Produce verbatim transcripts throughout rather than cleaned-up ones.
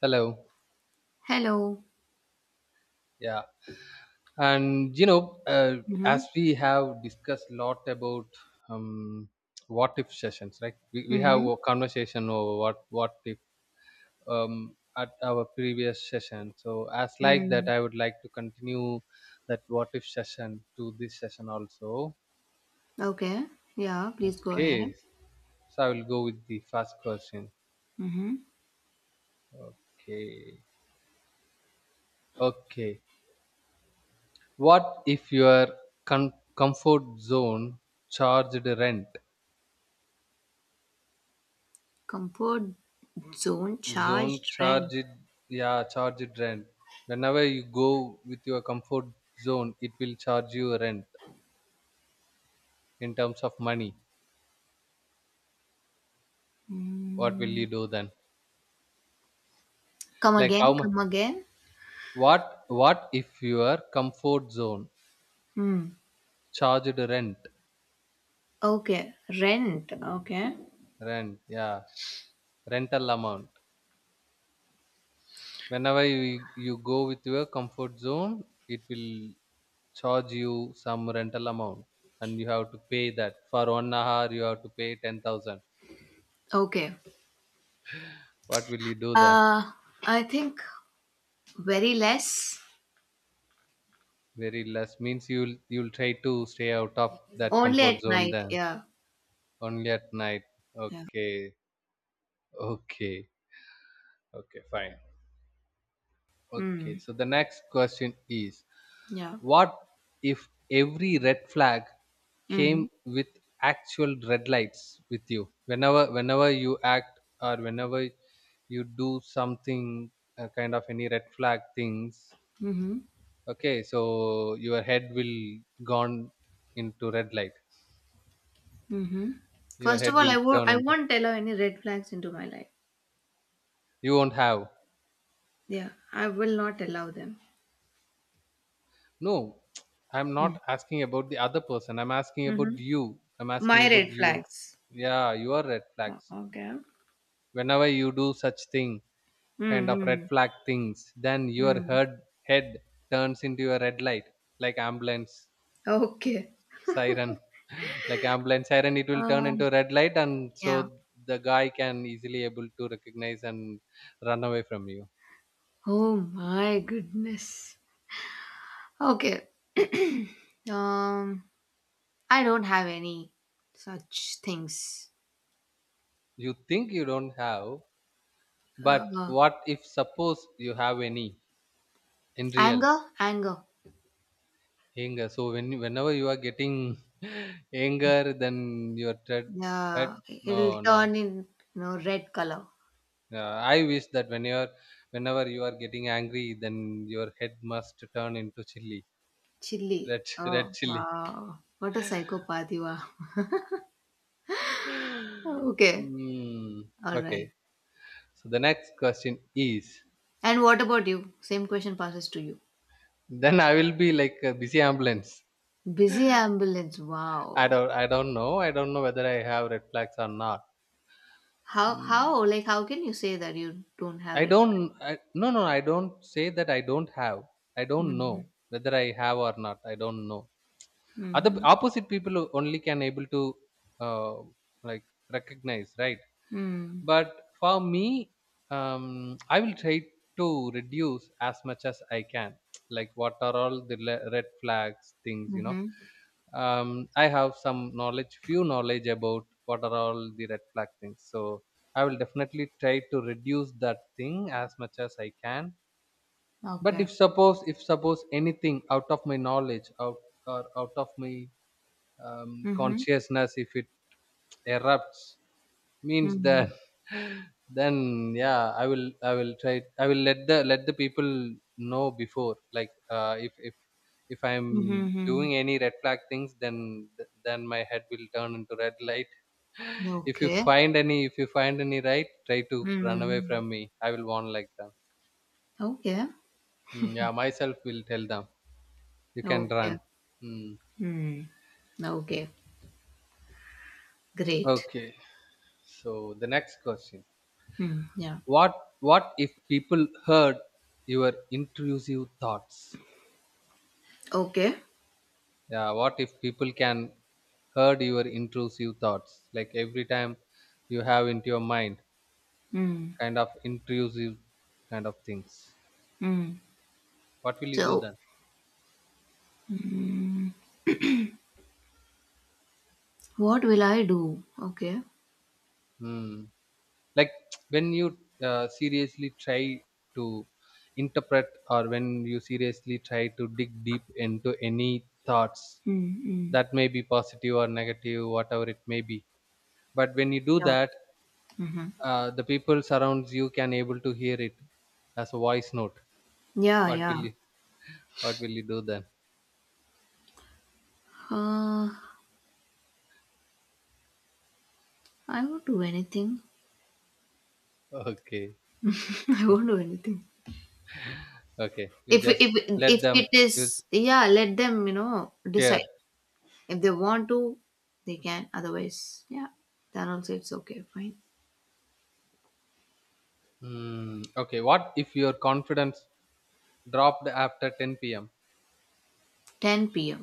Hello. Hello. Yeah. And you know, uh, as Mm-hmm. we have discussed a lot about um, what if sessions, right? We, we have Mm-hmm. a conversation over what what if um, at our previous session. So as like that, Mm-hmm. I would like to continue that what if session to this session also. Okay. Yeah, please go ahead. Okay. So I will go with the first question. Mm-hmm. Okay. Okay. What if your com- comfort zone charged rent? Comfort zone Zone charged rent. charge it, yeah, charge it rent. Whenever you go with your comfort zone, it will charge you rent in terms of money. What will Mm. you do then? Come Like, how again, much? come again. What what if your comfort zone Mm. charged rent? Okay. Rent. Okay. Rent, yeah. Rental amount. Whenever you, you go with your comfort zone, it will charge you some rental amount, and you have to pay that. For one hour, you have to pay ten thousand. Okay. What will you do then? Uh I think very less. Very less means you'll you'll try to stay out of that Only comfort at zone night, then? yeah. Only at night. Okay. Okay. Okay, fine. Okay, Hmm. so the next question is, Yeah. what if every red flag came Mm-hmm. with actual red lights with you? Whenever whenever you act, or whenever you do something uh, kind of any red flag things. Mm-hmm. Okay, so your head will gone into red light. Mm-hmm. Your First of head all, I will wo- turn I into. won't allow any red flags into my life. You won't have. Yeah. I will not allow them. No. I'm not asking about the other person. I'm asking Mm-hmm. about you. I'm asking My about red you. flags. Yeah, you are red O flags. Okay. Whenever you do such thing, kind Mm, of red Hmm. flag things, then your mm. head head turns into a red light, like ambulance Okay. siren. Like ambulance siren, it will turn Uh, into red light, and yeah. so the guy can easily able to recognize and run away from you. Oh my goodness. Okay. um, I don't have any such things. You think you don't have. But Uh, what if suppose you have any in real Anger, anger. anger? So when whenever you are getting anger, then your dread, dread. Yeah, it'll No, no. turn in, you know, red color. Yeah, I wish that when you're whenever you are getting angry, then your head must turn into chili, Chili. red Oh red chili. wow, what a psychopath you are. Okay, Mm, all right. okay. So the next question is, And what about you? Same question passes to you. then I will be like a busy ambulance. Busy ambulance. I Wow. don't I don't know. I don't know whether I have red flags or not. How Hmm. how like how can you say that you don't have I it? don't. I, no, no. I don't say that I don't have. I don't know Mm-hmm. whether I have or not. I don't know. Other Mm-hmm. opposite people only can able to uh, like recognize, right? Mm-hmm. But for me, um, I will try to reduce as much as I can. Like, what are all the le- red flags things, you know? Mm-hmm. Um, I have some knowledge, few knowledge about what are all the red flag things. So, I will definitely try to reduce that thing as much as I can. But Okay. if suppose, if suppose anything out of my knowledge out, or out of my um, Mm-hmm. consciousness, if it erupts means Mm-hmm. that. Then yeah, i will i will try, I will let the let the people know before, like, uh, if if if I'm Mm-hmm. doing any red flag things, then th- then my head will turn into red light. if you Okay. find any if you find any right, try to run away Mm. from me. I will warn like them. Okay. Mm, yeah, myself will tell them you can Okay. run. Mm. Hmm. Okay. Great. Okay, so the next question. Hmm. Yeah. What what if people heard your intrusive thoughts? Okay. Yeah, what if people can hurt your intrusive thoughts, like every time you have into your mind Hmm. kind of intrusive kind of things? Hmm. What will you do So then? what will I do? Okay. Hmm. Like when you uh, seriously try to interpret, or when you seriously try to dig deep into any thoughts Hmm. Hmm. that may be positive or negative, whatever it may be. But when you do Yeah. that, Mm-hmm. uh, the people surrounds you can able to hear it as a voice note. Yeah. What Yeah. will What will you do then? Uh, I won't do anything. Okay. I Okay. won't do anything. Okay, you If if just if let them it is, use yeah, let them, you know, fear. decide. If they want to, they can. Otherwise, yeah, then also it's okay, fine. Hmm. Okay. What if your confidence dropped after ten p m? ten p m.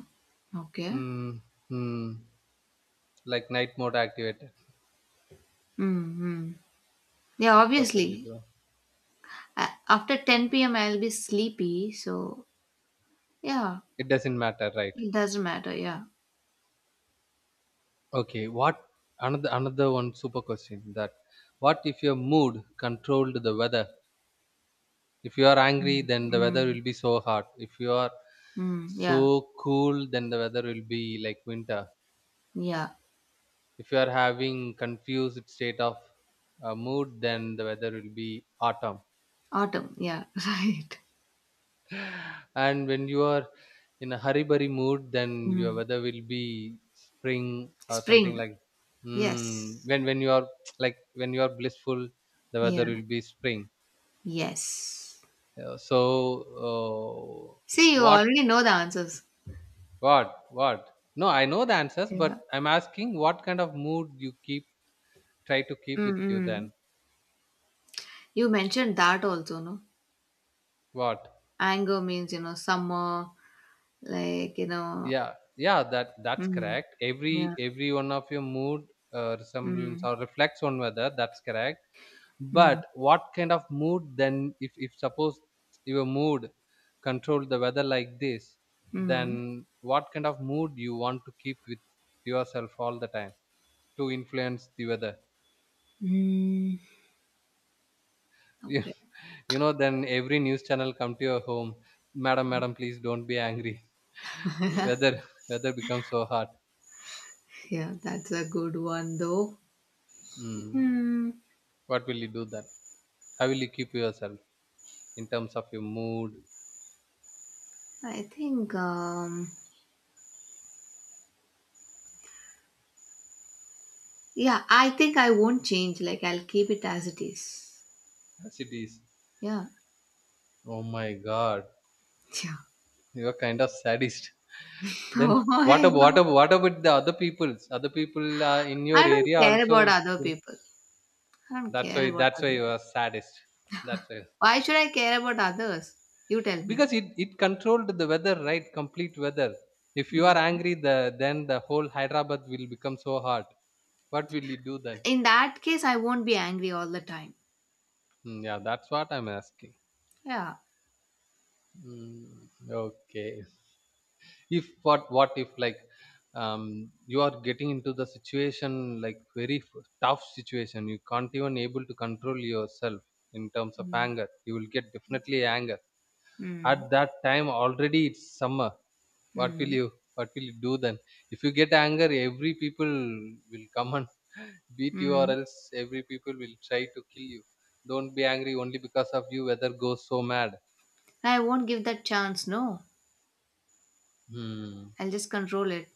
Okay. Hmm. Hmm. Like night mode activated. Mm-hmm. Yeah, What will you obviously. do? a- After ten p m, I'll be sleepy. So yeah, It doesn't matter, right? it doesn't matter. Yeah. Okay. What another another one super question that what if your mood controlled the weather? If you are Mm, angry, then the weather mm, will be so hot. If you are mm, yeah. so cool, then the weather will be like winter. Yeah. If you are having confused state of uh, mood, then the weather will be autumn. Autumn. Yeah. Right. And when you are in a hurry burry mood, then your Mm. weather will be spring, or something Spring. like. Mm, Yes. when when you are like when you are blissful, the weather Yeah. will be spring. Yes. Uh, so uh, See, you what already know the answers. what what No, I know the answers, but Yeah. I'm asking what kind of mood you keep, try to keep with you Mm-mm. then. You mentioned that also, no? What? Anger means, you know, summer, like, you know, Yeah, yeah, that that's mm, correct. every yeah. every one of your mood uh, resemblance Mm, or reflects on weather, that's correct. mm, But what kind of mood then? If if suppose your mood control the weather like this, mm, then what kind of mood you want to keep with yourself all the time to influence the weather? mm. you, Okay. you know then every news channel come to your home. Madam, madam, please don't be angry. weather weather becomes so hard. Yeah, that's a good one, though. Mm. Hmm. What will you do then? How will you keep yourself in terms of your mood, I think, um, yeah, I think I won't change. Like, I'll keep it as it is. as it is? Yeah. Oh my God, Yeah. you are kind of sadist. Then Oh what my about what God. about, what about the other people's? Other people uh, in your I don't area care about also. other will- people. I don't That's care why about that's other why you people. are saddest. That's why. Why should I care about others? You tell me. Because it it controlled the weather, right? Complete weather. If you are Mhm. angry, the then the whole Hyderabad will become so hot. What will you do then? In that case, I won't be angry all the time. Hmm, yeah, that's what I'm asking. Yeah. Hmm, okay. if what what if Like, um, you are getting into the situation like very f- tough situation. You can't even able to control yourself in terms of Mm. anger. You will get definitely anger. At Mm. that time, already it's summer. what will Mm. You what will you do then? If you get anger, every people will come and beat you, or Mm. else every people will try to kill you. Don't be angry. Only because of you weather goes so mad. I won't give that chance. No, Hmm. I'll just control it.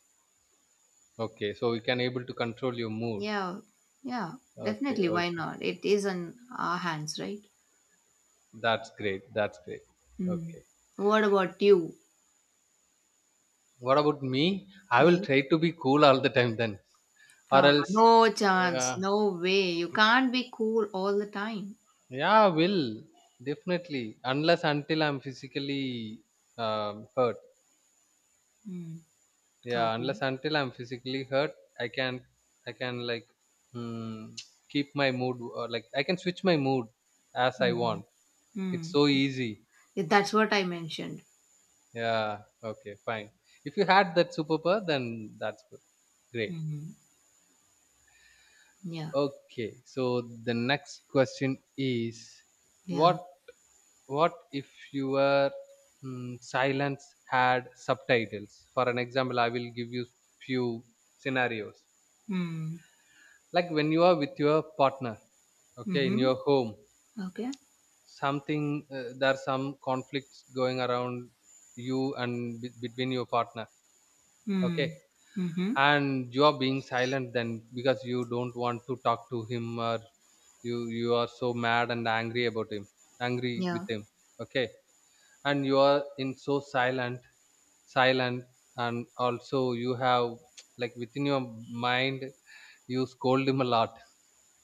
Okay, so we can able to control your mood. Yeah. Yeah. Okay. Definitely. Why Okay. not? It is in our hands, right? That's great. That's great. Mm. Okay. What about you? What about me? I will Yeah. try to be cool all the time then, or Ah, no else, chance. uh, No way. You can't be cool all the time. yeah, I will definitely. Unless until I'm physically um, hurt. Mm. Yeah, Okay. unless until I'm physically hurt, I can I can like, mm, keep my mood, or like I can switch my mood as I want. Mm-hmm. It's Mm. so easy. Yeah, that's what I mentioned. Yeah. Okay. Fine. If you had that superpower, then that's good. Great. Mm-hmm. Yeah. Okay, so the next question is, Yeah. what what if your mm, silence had subtitles? For an example, I will give you few scenarios. Mm. Like when you are with your partner, okay, in Mhm. your home, Okay. something uh, there are some conflicts going around you and be- between your partner. Okay, Mm. Mhm. and you are being silent then because you don't want to talk to him, or you you are so mad and angry about him, angry with Yeah. him. Okay, and you are in so silent, silent and also you have like within your mind you scold him a lot.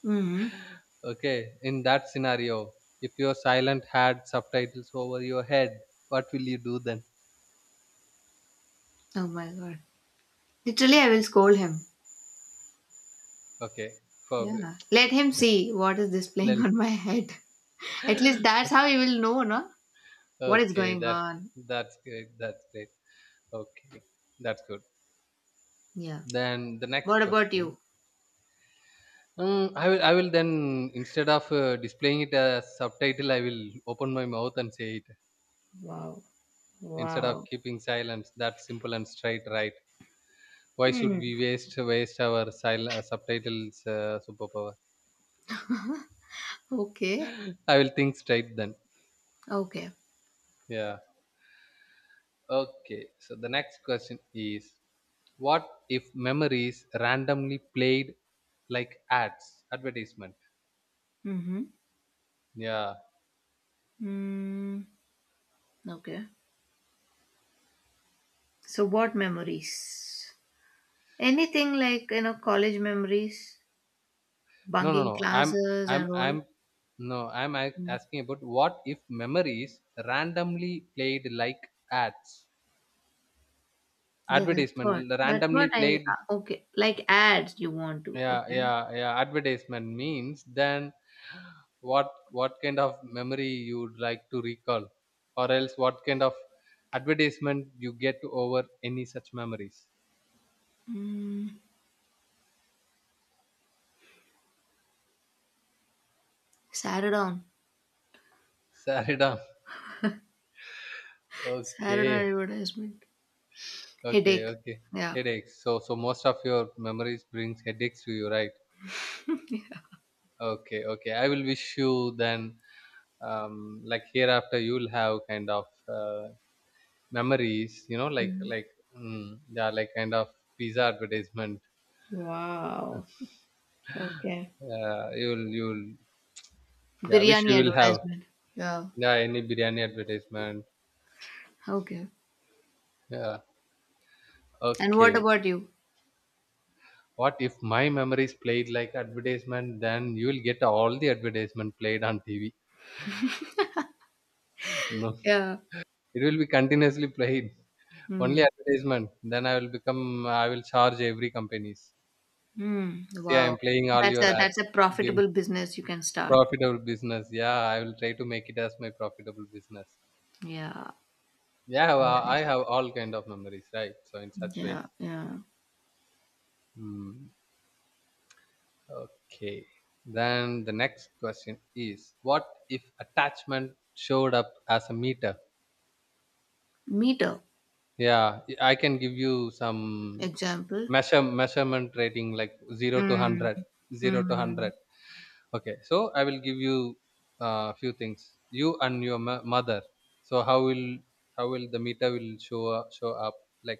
Mhm. Okay, in that scenario, if your silent had subtitles over your head, what will you do then? Oh my god. Literally, I will scold him. Okay, for. Yeah. Let him see what is this playing Lel- on my head. At least that's how he will know, no? What is okay, going that on. that's great. That's great. Okay, that's good. Yeah. Then the next What about you? question. Mm, I will. I will then instead of uh, displaying it as subtitle, I will open my mouth and say it Wow. instead of Wow. keeping silence. That's simple and straight, right? Why should Mm. we waste waste our sil- uh, subtitles uh, superpower? Okay. I will think straight then. Okay. Yeah. Okay. So the next question is: what if memories randomly played like ads advertisement? Mhm. Yeah. Mm. Okay. So what memories? Anything like, you know, college memories, No, no, bunking no. I'm, classes I'm, and all. I'm, no, I'm a- Mm. asking about what if memories randomly played like ads, Yeah, that's advertisement, what. That's randomly what I. played. uh, Okay, like ads you want to. Yeah, Okay. yeah, yeah. Advertisement means then what, what kind of memory you'd like to recall, or else what kind of advertisement you get over any such memories. Mm. Saradon. Saridam. Saradon Okay, advertisement. okay, Headache. okay. Yeah. Headaches. So, so most of your memories brings headaches to you, right? Okay, okay. I will wish you then, um, like hereafter, you'll have kind of uh, memories, you know, like Mm. like mm, yeah, like kind of pizza advertisement. Wow. Okay. Uh, you'll you'll Yeah, wish you Biryani will have advertisement. Yeah. yeah any biryani advertisement. Okay. Yeah. And what Okay. about you? What if my memories played like advertisement? Then you will get all the advertisement played on T V. No, Yeah. it will be continuously played. Only Hmm. advertisement. Then I will become. I will charge every companies. Hmm. See, I'm Wow. playing all That's a your that's ads. a Give profitable business you can start. Profitable business. Yeah, I will try to make it as my profitable business. Yeah. Yeah, well, I Nice. have all kind of memories, right? So in such way. Yeah. Yeah. Hmm. Okay. Then the next question is, what if attachment showed up as a meter? Meter Yeah, I can give you some example. measure measurement rating like zero to Hmm. hundred, zero to Hmm. hundred. Okay, so I will give you a uh, few things. You and your mo- mother. So how will how will the meter will show up, show up like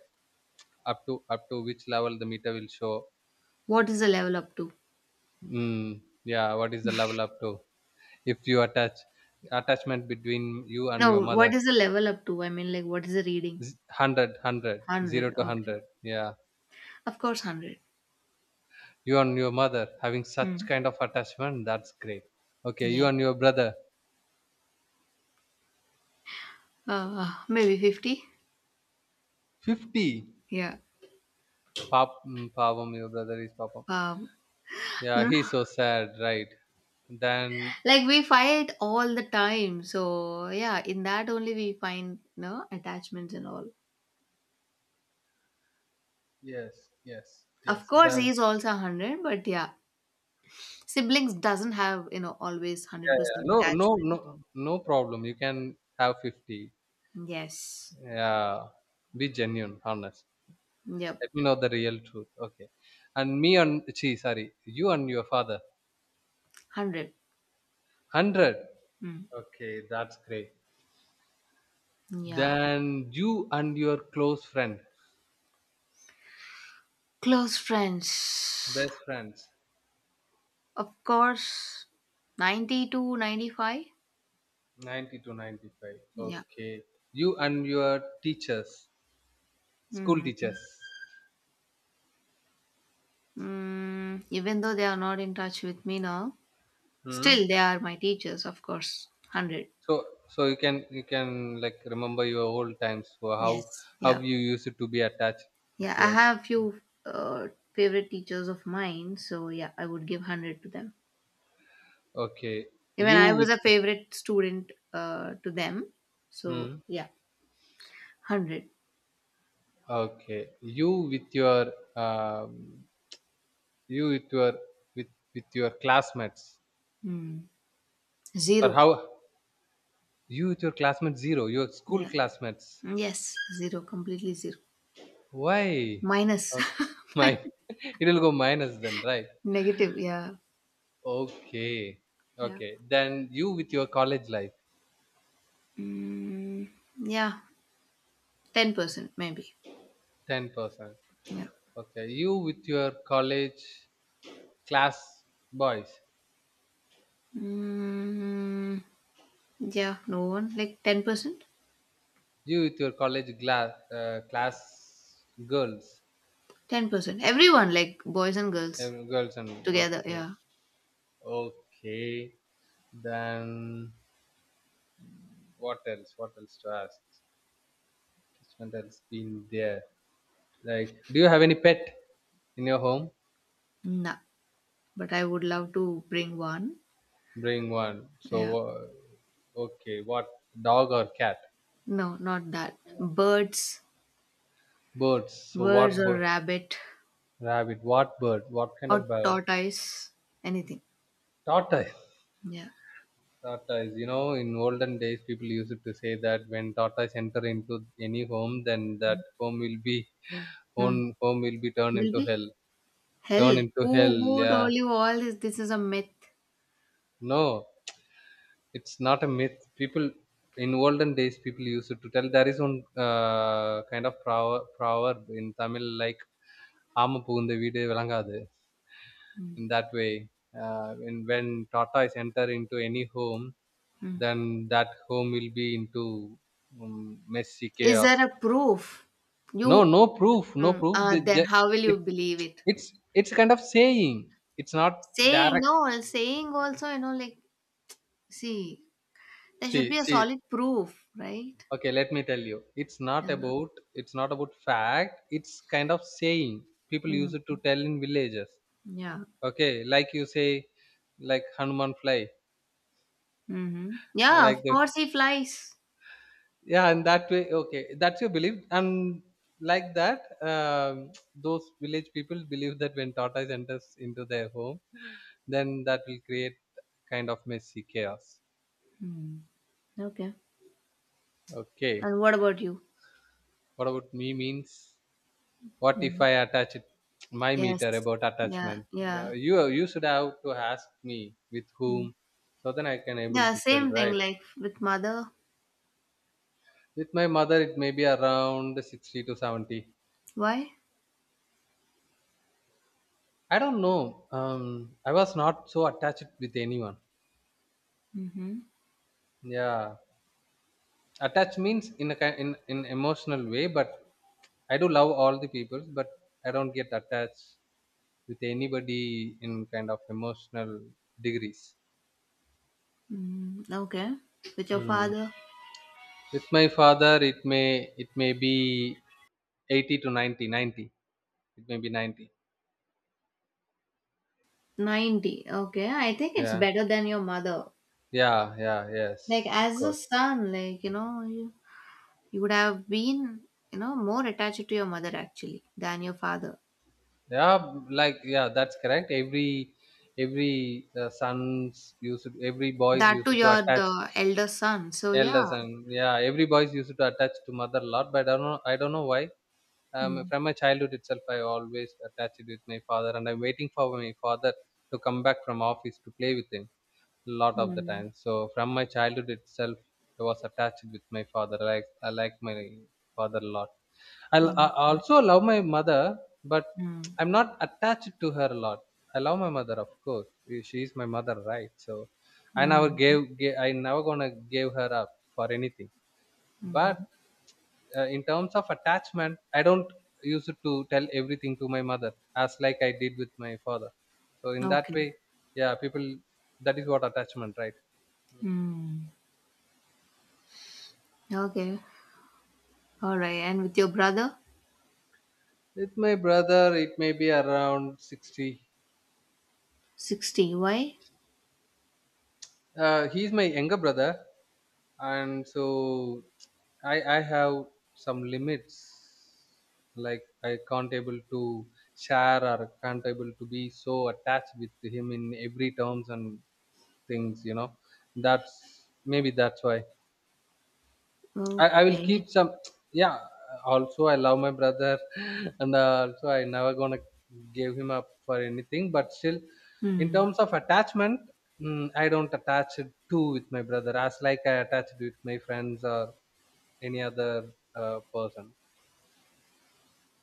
up to up to which level the meter will show? What is the level up to? Mm, yeah, what is the level up to? If you attach attachment between you and your No, what mother, is the level up to? I mean, like, what is the reading? z- one hundred, one hundred. to one Okay. hundred. Yeah, Of course, one hundred. you and your mother having such Mm. kind of attachment, that's great. Okay, you Yeah. and your brother, Uh, maybe fifty. fifty. Yeah. Pap, mm, Pavam, your brother is Papam. Um, Yeah, no, he's so sad, right? Then like, we fight all the time. So, yeah, in that only we find no attachments and all. yes, yes, Of yes. course, Then he's also one hundred, but yeah, siblings doesn't have, you know, always yeah, yeah. one hundred percent No, no, attachment. no, no problem. You can have fifty. Yes. Yeah, be genuine, honest. Yep. Let me know the real truth. Okay, and me and she, sorry, you and your father, one hundred. hundred. Mm. Okay, that's great. Yeah. Then you and your close friend, Close friends. best friends, Of course, ninety to ninety-five. ninety to ninety-five. Yeah. Okay, you and your teachers, school Hmm. teachers. Mm, even though they are not in touch with me now, Hmm? still they are my teachers, of course. one hundred. So so you can you can like remember your old times for how Yes. how Yeah. you used to be attached with Yeah. I your have few uh, favorite teachers of mine. So, yeah, I would give one hundred to them. okay Even you I was with a favorite student uh, to them. So, hmm, yeah, one hundred. okay you with your um, you with your with with your classmates Hmm. or Zero. how you with your classmates zero your school Yeah. classmates Yes. Zero. Completely zero. why Minus. okay. My it will go minus then, right? Negative. Yeah. Okay. Yeah. Okay, then you with your college life, Mm, yeah. Ten percent maybe. ten percent. Yeah. Okay, you with your college class boys, Mm, yeah. No one. Like ten percent. you with your college glass, uh, class girls, Ten percent. Everyone. Like boys and eh, girls girls, and together. okay, Yeah. okay. Then what else? What else to ask? What else been there? Like, do you have any pet in your home? Nah. But I would love to bring one. Bring one. Yeah. So uh, okay, what, dog or cat? No, not that. Birds. Birds. So Birds what or bird? rabbit Rabbit. What bird? What kind of or bird? tortoise. Anything. Tortoise. Yeah. Tata is, you know, in olden days, people used to say that when Tata enter into any home, then that home will be Hmm. home, home will be turned Will into be hell. Turned hell. into hell, Who who yeah. told you all this? This is a myth. No, it's not a myth. People In olden days, people used to tell there is one uh, kind of proverb, proverb in Tamil like "Aama pugundha veedu vilangadu." Hmm. In that way, uh, when when Tata is enter into any home, Hmm. then that home will be into um, messy Is chaos. there a proof? No, You no proof, no Mm, proof. uh, They then ju- how will you it's believe it? it's it's kind of saying. It's not Saying direct. no, well, saying also, you know, like, see, there should be See, a see. solid proof, right? Okay, let me tell you. It's not And, about it's not about fact. It's kind of saying. People use it to mm, tell in villages. yeah. Okay, like you say, like Hanuman fly, Mm-hmm. Yeah, like of the course he flies. yeah, and that way. Okay, that's your belief, and like that, um, those village people believe that when tortoise enters into their home, then that will create kind of messy chaos. Mm, okay. Okay. And what about you? What about me means what if Hmm. I attach it my meter Yes. about Yeah. attachment? Yeah. Yeah, you you should have to ask me with Mm. whom, so then I can able Yeah. to tell, Same thing. right. Like with mother. With my mother, it may be around sixty to seventy. Why? I don't know. Um, I was not so attached with anyone. Mm-hmm. Yeah, attached means in a ki- in in emotional way, but I do love all the people, but I don't get attached with anybody in kind of emotional degrees. Mm, okay. With your Hmm. father. With my father, it may it may be eighty to ninety, ninety. It may be ninety. Ninety. Okay. I think it's Yeah, better than your mother. yeah, yeah. Like Yes, of as a course. son, like, you know, you, you would have been, you know, more attached to your mother actually than your father. Yeah, like yeah, that's correct. Every every uh, sons used to, every boys That too, used to you're attach the elder son. So yeah. elders, and yeah, every boys used to attach to mother a lot. But I don't know. I don't know why. Um, Mm. from my childhood itself, I always attached it with my father, and I'm waiting for my father to come back from office to play with him, lot of the Mm. time. So from my childhood itself, I was attached with my father. Like I like my father a lot. I, l- I Okay. also love my mother, but Mm. I'm not attached to her a lot. I love my mother, of course. Eh, she is my mother, right? So I never Mm-hmm. gave, gave I never gonna give her up for anything. But Mm-hmm. uh, in terms of attachment, I don't use it to tell everything to my mother as like I did with my father. So in that Okay. way, yeah, people that is what attachment, right? Mm. Okay. All right. And with your brother, With my brother, it may be around sixty. sixty. Why? Uh, he's my younger brother, and so I, I have some limits. Like, I can't able to share or can't able to be so attached with him in every terms and things, you know. That's maybe that's why. I, I will Okay. keep some. Yeah. Also, I love my brother, and uh, also I never gonna give him up for anything. But still, in Mm. terms of attachment, mm, I don't attach it too with my brother as like I attach it with my friends or any other uh, person.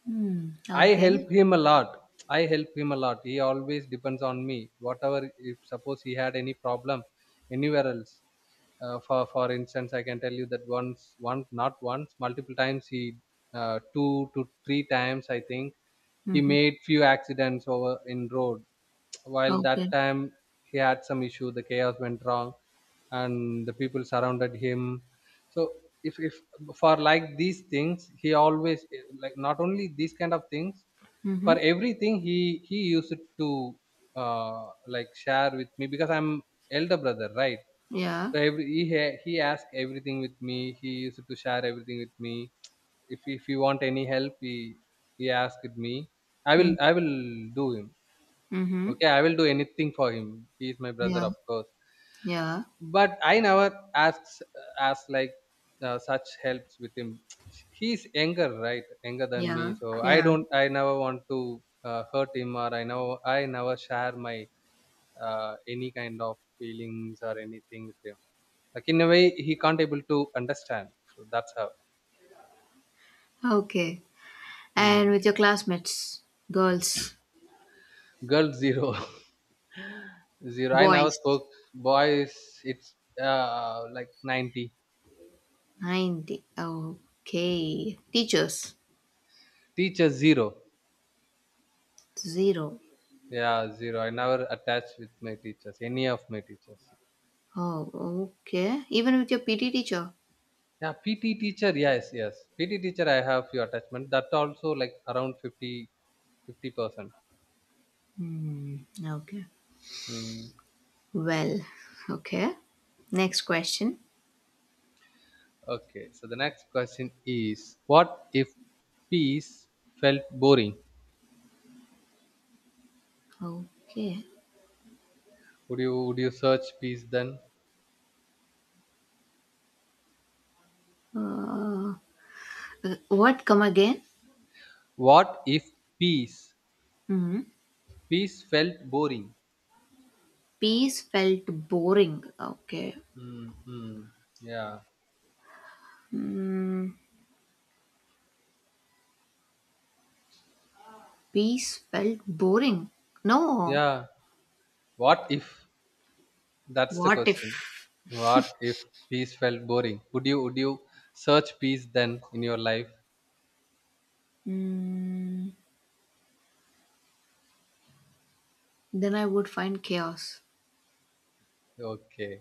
Mm. I Okay. help him a lot. I help him a lot. He always depends on me. Whatever, if suppose he had any problem anywhere else, uh, for for instance, I can tell you that once, once, not once, multiple times he, uh, two to three times I think he Mm-hmm. made few accidents over in road, while that Okay. time he had some issue, the chaos went wrong, and the people surrounded him. So if if for like these things he always, like not only these kind of things, Mm-hmm. for everything he he used to uh like share with me because I'm elder brother, right? Yeah. So every he ha- he asked everything with me, he used to share everything with me. If if you want any help, he he asked me, i will Hmm. I will do him. Mm-hmm. Okay, I will do anything for him. He is my brother, Yeah. of course. Yeah. But I never asks asked like uh, such helps with him. He's younger, right? Younger than me, Yeah, so I yeah. don't. I never want to uh, hurt him, or I know I never share my uh, any kind of feelings or anything with him. Like in a way, he can't able to understand. So that's how. Okay. And Hmm. with your classmates, girls, Girl zero. Zero. I never boys, spoke. Boys, it's uh, like ninety. ninety. Okay. Teachers, Teachers, zero. zero. Yeah, zero. I never attached with my teachers, any of my teachers. Oh, okay. Even with your P T teacher? Yeah, P T teacher, yes, yes. P T teacher, I have few attachment. That also like around fifty, fifty percent. Hmm, okay. Hmm. Well, okay. Next question. Okay, so the next question is, what if peace felt boring? Okay. Would you would you search peace then? Uh, what, come again? What if peace Hmm. peace felt boring? Peace felt boring. Okay. Mm-hmm. Yeah, Hmm. Peace felt boring. No. yeah. What if? That's the What question. if? What if peace felt boring? Would you would you search peace then in your life? Mm, then I would find chaos. Okay,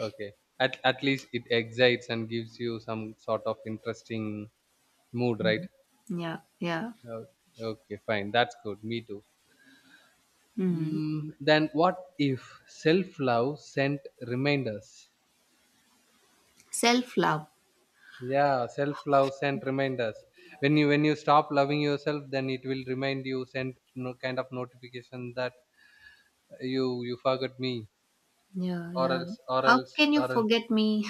okay. At at least it excites and gives you some sort of interesting mood, right? Yeah, yeah. Uh, okay, fine. That's good. Me too. Mm. Mm, then what if self love sent reminders? Self love. Yeah, self love sent reminders. When you when you stop loving yourself, then it will remind you, send no kind of notification that you you forgot me, Yeah, or yeah. else, or How else can you or else forget me?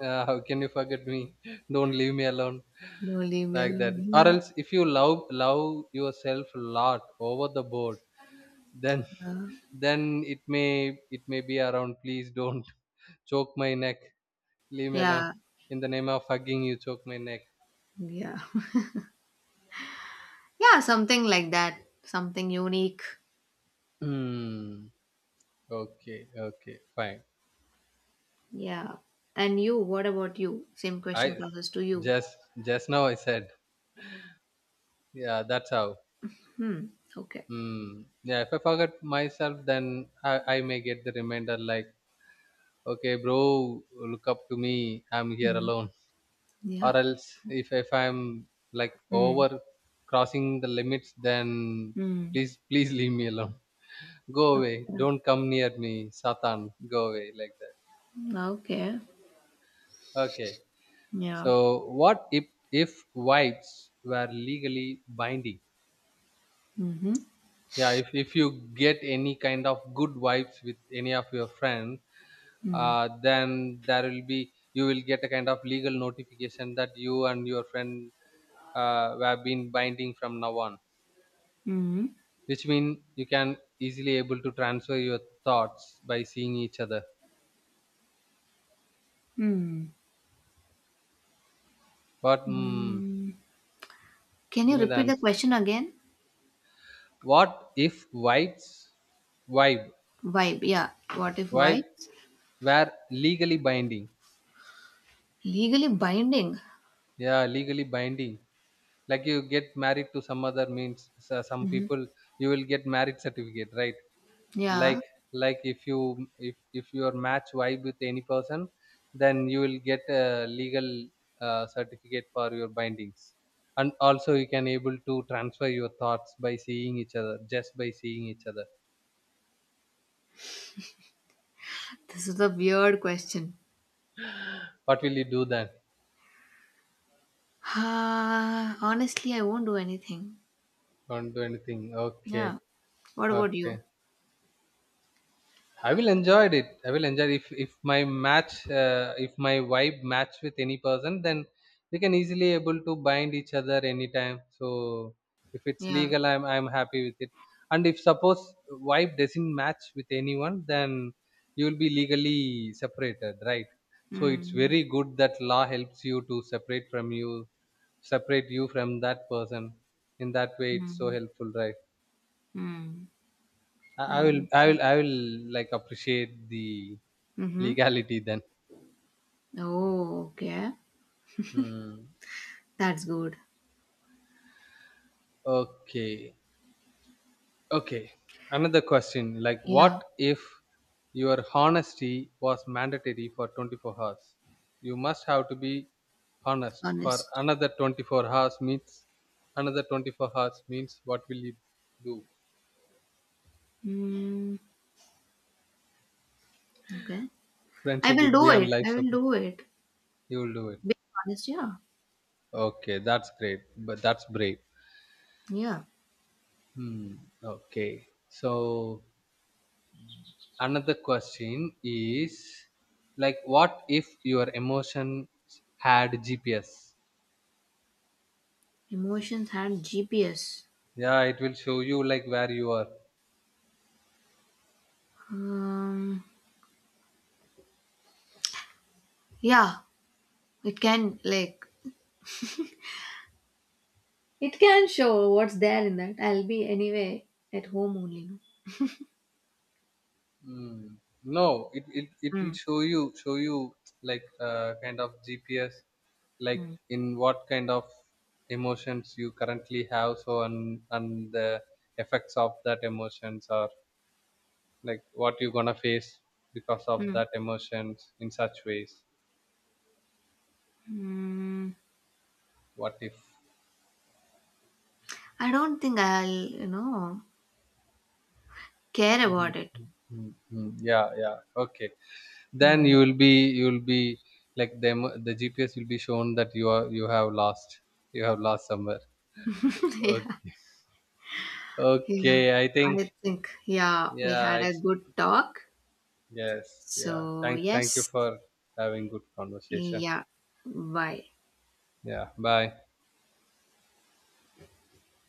uh, how can you forget me? Don't leave me alone, No, leave me like that, alone. or Yeah, else if you love love yourself a lot over the board, then then it may it may be around, please don't choke my neck, leave yeah, me alone, yeah, in the name of hugging you choke my neck. yeah. Yeah, something like that. Something unique. Hmm. Okay. Okay. Fine. Yeah. And you? What about you? Same question I passes to you. just just now I said yeah. That's how. Hmm. Okay. Hmm. Yeah. If I forget myself, then I I may get the reminder like okay bro, look up to me, I'm here Mm. alone, or Yeah. else if if I'm like Mm. over crossing the limits, then Mm. please, please leave me alone. Go away, don't come near me satan, go away, like that. Yeah. Okay. Okay, Yeah. so what if if vibes were legally binding? Mm-hmm. Yeah, if, if you get any kind of good vibes with any of your friend, Mm. uh, then there will be you will get a kind of legal notification that you and your friend, uh, we have been binding from now on, Mm. which mean you can easily able to transfer your thoughts by seeing each other, Mm. but mm, Mm. Can you give me the repeat the answer. question again? What if whites vibe Vibe, yeah. What if vibe why? were legally binding? Legally binding? Yeah, legally binding, like you get married to some other means so some Mhm. people, you will get marriage certificate, right? Yeah, Like like if you, if if your match vibe with any person, then you will get a legal uh, certificate for your bindings, and also you can able to transfer your thoughts by seeing each other, just by seeing each other. this is a weird question. What will you do then? Ah, honestly, I won't do anything. Don't do anything, okay. Yeah. What about Okay, you? I will enjoy it. I will enjoy if if my match, uh, if my vibe match with any person, then we can easily able to bind each other anytime. So if it's Yeah. legal, I'm I'm happy with it. And if suppose vibe doesn't match with anyone, then you will be legally separated, right? So it's Hmm. very good that law helps you to separate from you, separate you from that person. In that way, it's so Hmm. helpful, right? Hmm. I, I will, I Okay. will, I will like appreciate the Mm-hmm. legality then, Oh, okay. hmm. That's good. Okay, okay, another question, like Yeah. what if your honesty was mandatory for twenty-four hours? You must have to be honest for Honest. another twenty-four hours means another twenty-four hours means what will you do? Hmm. Okay. I Friendship will would be do on it. life I will support. do it. You will do it, Being honest, yeah. okay, that's great, but that's brave. Yeah. Hmm. Okay, so another question is, like what if your emotions had GPS? Emotions had G P S. Yeah, it will show you like where you are. Um, yeah, it can like, it can show what's there in that. I'll be anyway at home only. No? Mm. No, it, it it will Mm, show you show you like uh, kind of GPS, like mm, in what kind of emotions you currently have, so and and the effects of that emotions are like what you're gonna face because of mm, that emotions, in such ways. mm. What if? I don't think I'll, you know, care about it. Mm, mm. Yeah, yeah, okay, then Hmm. you will be, you will be like them, the GPS will be shown that you are, you have lost, you have lost somewhere. Yeah, Okay, yeah. okay, I think I think yeah, we yeah, had a it's good talk. yes, yeah, So thank thank you yes, for having good conversation. yeah. Bye. Yeah, bye.